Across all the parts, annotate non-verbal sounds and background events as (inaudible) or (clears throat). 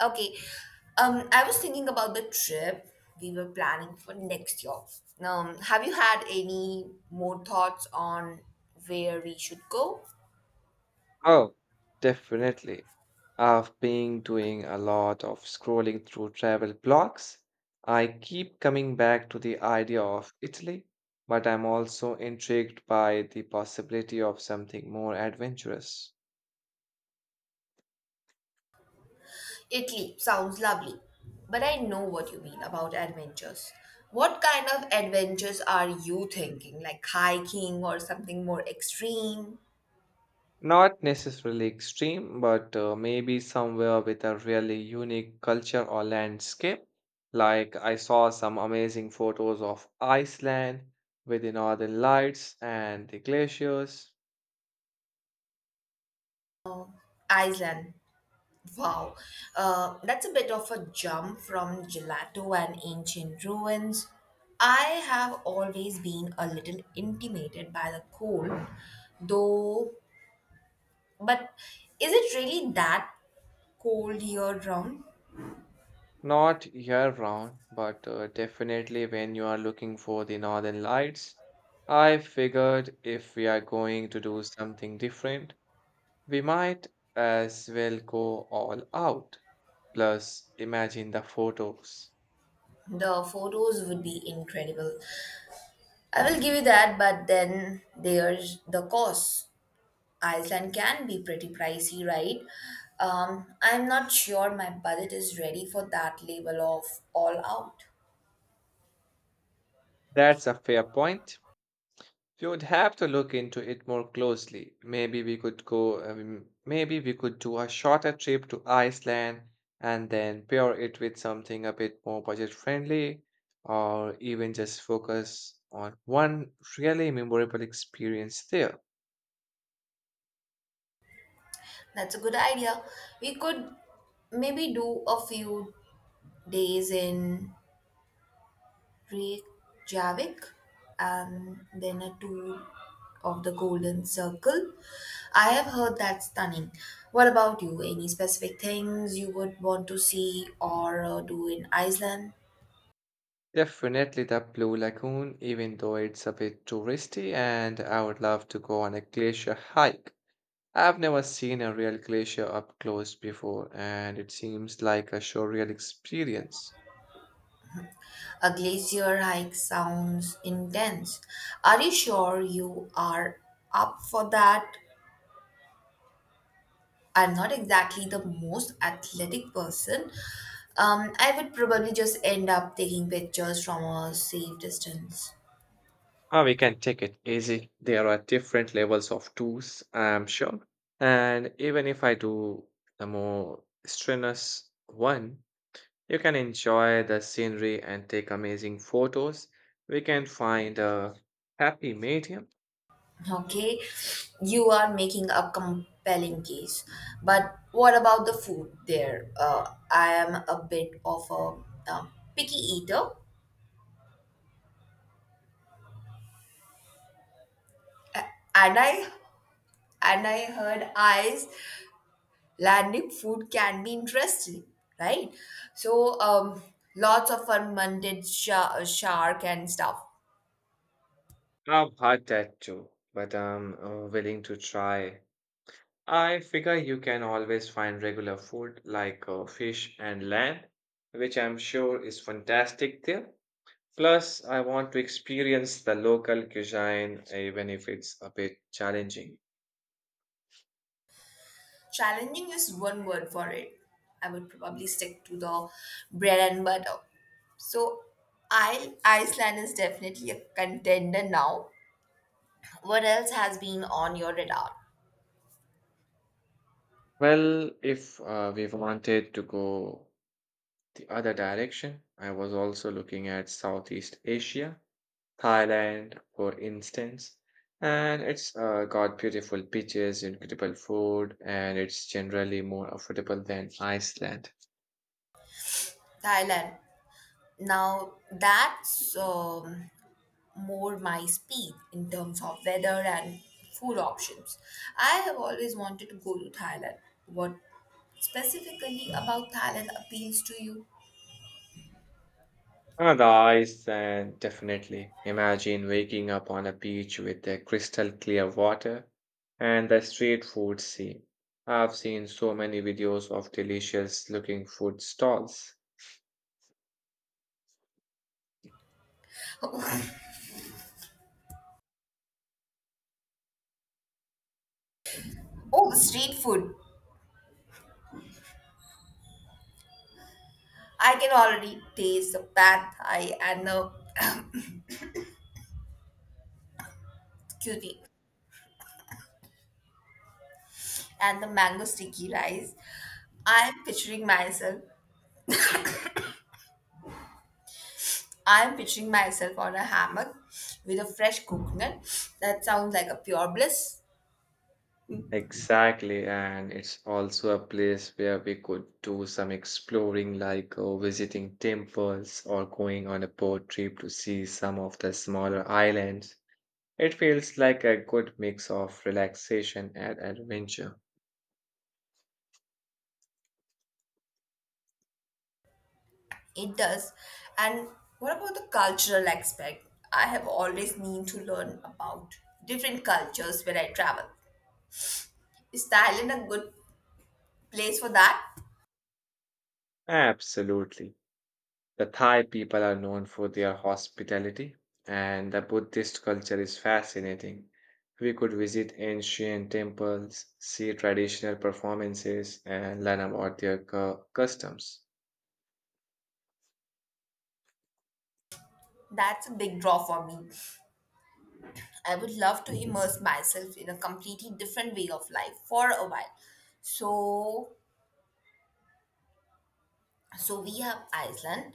Okay. I was thinking about the trip we were planning for next year. Have you had any more thoughts on where we should go? Oh, definitely. I've been doing a lot of scrolling through travel blogs. I keep coming back to the idea of Italy, but I'm also intrigued by the possibility of something more adventurous. Italy sounds lovely, but I know what you mean about adventures. What kind of adventures are you thinking? Like hiking or something more extreme? Not necessarily extreme, but maybe somewhere with a really unique culture or landscape. Like I saw some amazing photos of Iceland with the northern lights and the glaciers. Iceland. Wow, that's a bit of a jump from gelato and ancient ruins. I have always been a little intimidated by the cold, though. But is it really that cold year round? Not year round, but definitely when you are looking for the northern lights. I figured if we are going to do something different, we might as well go all out. Plus, imagine the photos. The photos would be incredible. I will give you that, but then there's the cost. Iceland can be pretty pricey, right? I'm not sure my budget is ready for that level of all out. That's a fair point. We would have to look into it more closely. Maybe we could do a shorter trip to Iceland and then pair it with something a bit more budget friendly, or even just focus on one really memorable experience there. That's a good idea. We could maybe do a few days in Reykjavik and then a tour of the Golden Circle. I have heard that's stunning. What about you? Any specific things you would want to see or do in Iceland? Definitely the Blue Lagoon, even though it's a bit touristy, and I would love to go on a glacier hike. I've never seen a real glacier up close before, and it seems like a surreal experience. A glacier hike sounds intense. Are you sure you are up for that? I'm not exactly the most athletic person. I would probably just end up taking pictures from a safe distance. Oh, we can take it easy. There are different levels of tools, I'm sure. And even if I do the more strenuous one, you can enjoy the scenery and take amazing photos. We can find a happy medium. Okay, you are making a compelling case. But what about the food there? I am a bit of a picky eater, and I heard eyes landing food can be interesting, right? So, lots of fermented shark and stuff. I've had that too, but I'm willing to try. I figure you can always find regular food like fish and lamb, which I'm sure is fantastic there. Plus, I want to experience the local cuisine, even if it's a bit challenging. Challenging is one word for it. I would probably stick to the bread and butter. So, I Iceland is definitely a contender now. What else has been on your radar? Well, if we wanted to go the other direction, I was also looking at Southeast Asia, Thailand, for instance. And it's got beautiful beaches, incredible food, and it's generally more affordable than Iceland. Thailand. Now that's more my speed in terms of weather and food options. I have always wanted to go to Thailand. What specifically about Thailand appeals to you? Ah, the ice, and definitely. Imagine waking up on a beach with the crystal clear water and the street food scene. I've seen so many videos of delicious looking food stalls. (laughs) oh, street food. I can already taste the pad thai and the (clears throat) excuse me and the mango sticky rice. I'm picturing myself. I'm picturing myself on a hammock with a fresh coconut. That sounds like a pure bliss. Exactly, and it's also a place where we could do some exploring, like visiting temples or going on a boat trip to see some of the smaller islands. It feels like a good mix of relaxation and adventure. It does. And what about the cultural aspect? I have always need to learn about different cultures when I travel. Is Thailand a good place for that? Absolutely. The Thai people are known for their hospitality, and the Buddhist culture is fascinating. We could visit ancient temples, see traditional performances, and learn about their customs. That's a big draw for me. I would love to immerse myself in a completely different way of life for a while. So, so we have Iceland,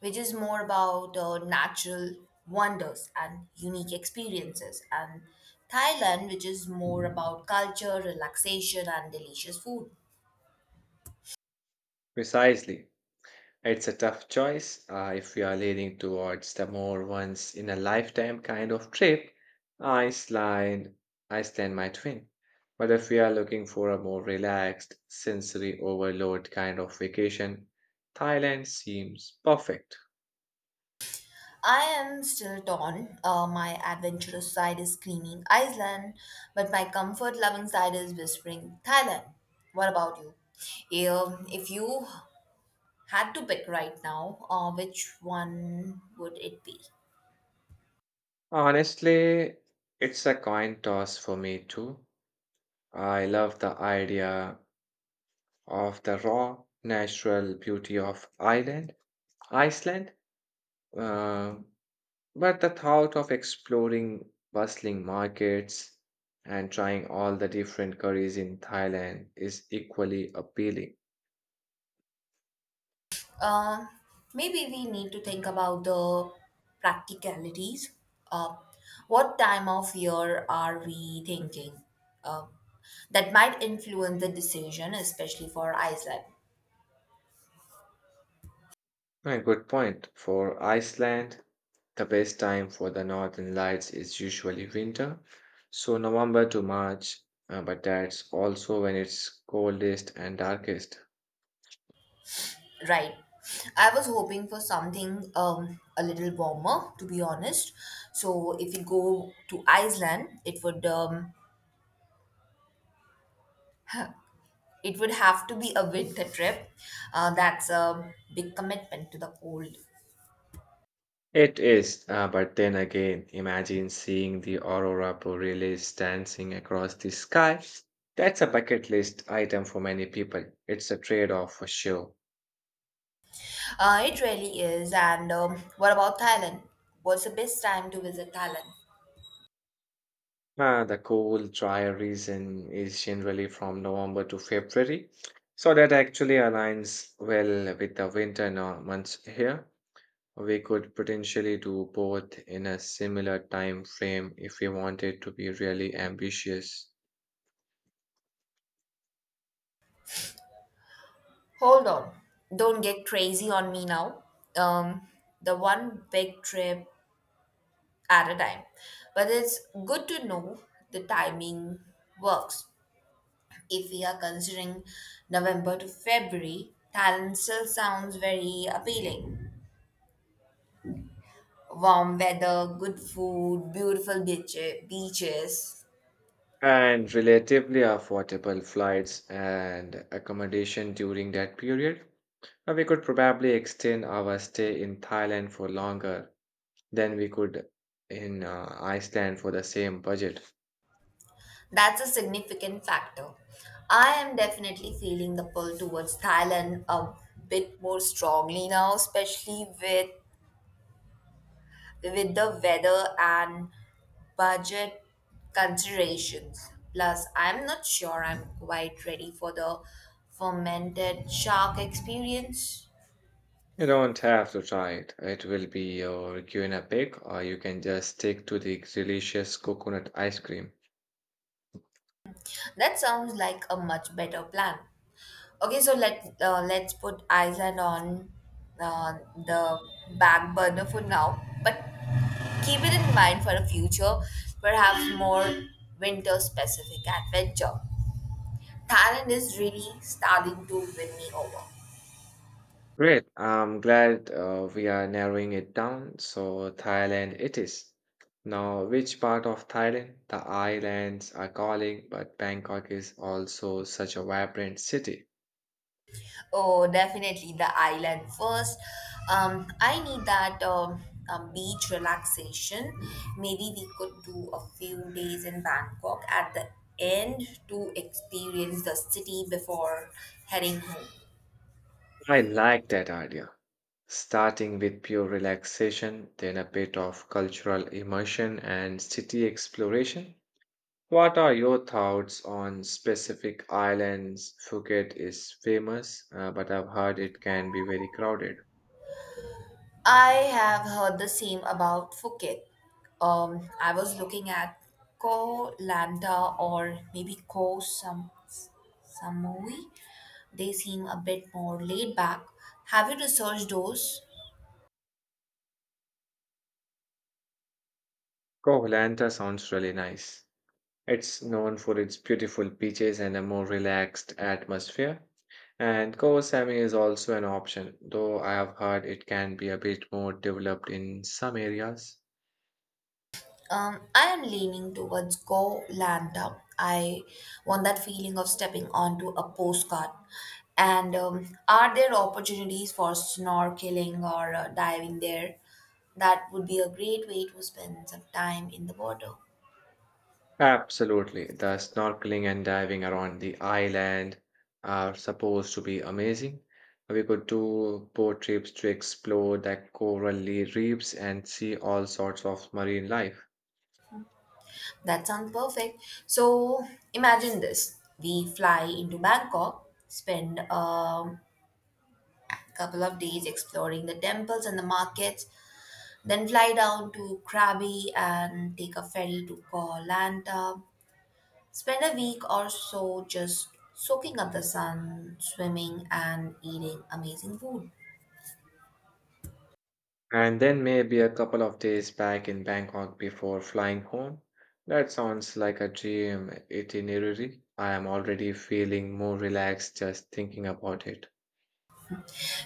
which is more about natural wonders and unique experiences, and Thailand, which is more about culture, relaxation, and delicious food. Precisely. It's a tough choice. If you are leaning towards the more once in a lifetime kind of trip, Iceland, Iceland might win. But if you are looking for a more relaxed, sensory overload kind of vacation, Thailand seems perfect. I am still torn. My adventurous side is screaming Iceland, but my comfort loving side is whispering Thailand. What about you? If you had to pick right now, which one would it be? Honestly, it's a coin toss for me too. I love the idea of the raw natural beauty of Iceland, uh, But the thought of exploring bustling markets and trying all the different curries in Thailand is equally appealing. Uh, Maybe we need to think about the practicalities. Uh, what time of year are we thinking? Uh, that might influence the decision, especially for Iceland. A good point. For Iceland, the best time for the northern lights is usually winter, so November to March, but that's also when it's coldest and darkest. Right. I was hoping for something a little warmer, to be honest. So if we go to Iceland, it would it would have to be a winter trip. That's a big commitment to the cold. It is, but then again, imagine seeing the aurora borealis dancing across the sky. That's a bucket list item for many people. It's a trade-off for sure. It really is. And what about Thailand? What's the best time to visit Thailand? The cool, drier season is generally from November to February, so that actually aligns well with the winter months here. We could potentially do both in a similar time frame if we wanted to be really ambitious. Hold on. Don't get crazy on me now. Um, the one big trip at a time. But it's good to know the timing works. If we are considering November to February, Thailand still sounds very appealing. Warm weather, good food, beautiful beaches. And relatively affordable flights and accommodation during that period. Now, we could probably extend our stay in Thailand for longer than we could in Iceland for the same budget. That's a significant factor. I am definitely feeling the pull towards Thailand a bit more strongly now, especially with the weather and budget considerations. Plus, I'm not sure I'm quite ready for the fermented shark experience. You don't have to try it. It will be your guinea pig, or you can just stick to the delicious coconut ice cream. That sounds like a much better plan. Okay, so let's put Iceland on uh, the back burner for now, but keep it in mind for a future, perhaps more winter specific adventure. Thailand is really starting to win me over. Great. I'm glad we are narrowing it down. So Thailand it is. Now, which part of Thailand? The islands are calling, but Bangkok is also such a vibrant city. Oh, definitely the island first. I need that beach relaxation. Maybe we could do a few days in Bangkok at the end to experience the city before heading home. I like that idea. Starting with pure relaxation, then a bit of cultural immersion and city exploration. What are your thoughts on specific islands? Phuket is famous, but I've heard it can be very crowded. I have heard the same about Phuket. I was looking at Koh Lanta or maybe Koh Sam Samui. They seem a bit more laid back. Have you researched those? Koh sounds really nice. It's known for its beautiful beaches and a more relaxed atmosphere. And Koh Samui is also an option, though I have heard it can be a bit more developed in some areas. I am leaning towards Go Lanta. I want that feeling of stepping onto a postcard. And are there opportunities for snorkeling or diving there? That would be a great way to spend some time in the water. Absolutely, the snorkeling and diving around the island are supposed to be amazing. We could do boat trips to explore the reefs and see all sorts of marine life. That sounds perfect. So imagine this: we fly into Bangkok, spend couple of days exploring the temples and the markets, then fly down to Krabi and take a ferry to Koh Lanta. Spend a week or so just soaking up the sun, swimming, and eating amazing food. And then maybe a couple of days back in Bangkok before flying home. That sounds like a dream itinerary. I am already feeling more relaxed just thinking about it.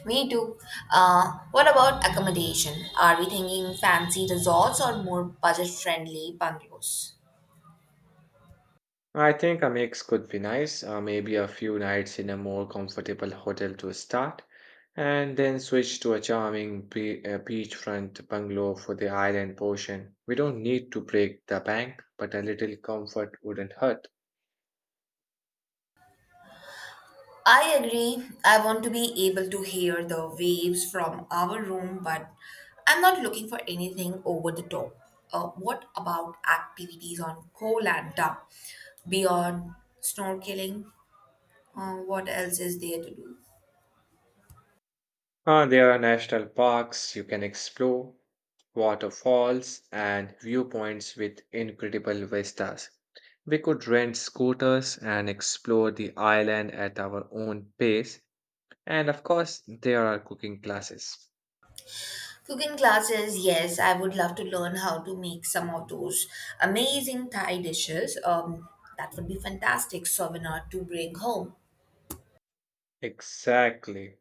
Me too. What about accommodation? Are we thinking fancy resorts or more budget friendly bungalows? I think a mix could be nice, maybe a few nights in a more comfortable hotel to start, and then switch to a charming beachfront bungalow for the island portion. We don't need to break the bank, but a little comfort wouldn't hurt. I agree. I want to be able to hear the waves from our room, but I'm not looking for anything over the top. What about activities on Koh Lanta? Beyond snorkeling? What else is there to do? Ah, there are national parks you can explore waterfalls, and viewpoints with incredible vistas. We could rent scooters and explore the island at our own pace. And of course, there are cooking classes. Cooking classes, yes, I would love to learn how to make some of those amazing Thai dishes. That would be fantastic souvenir to bring home. Exactly.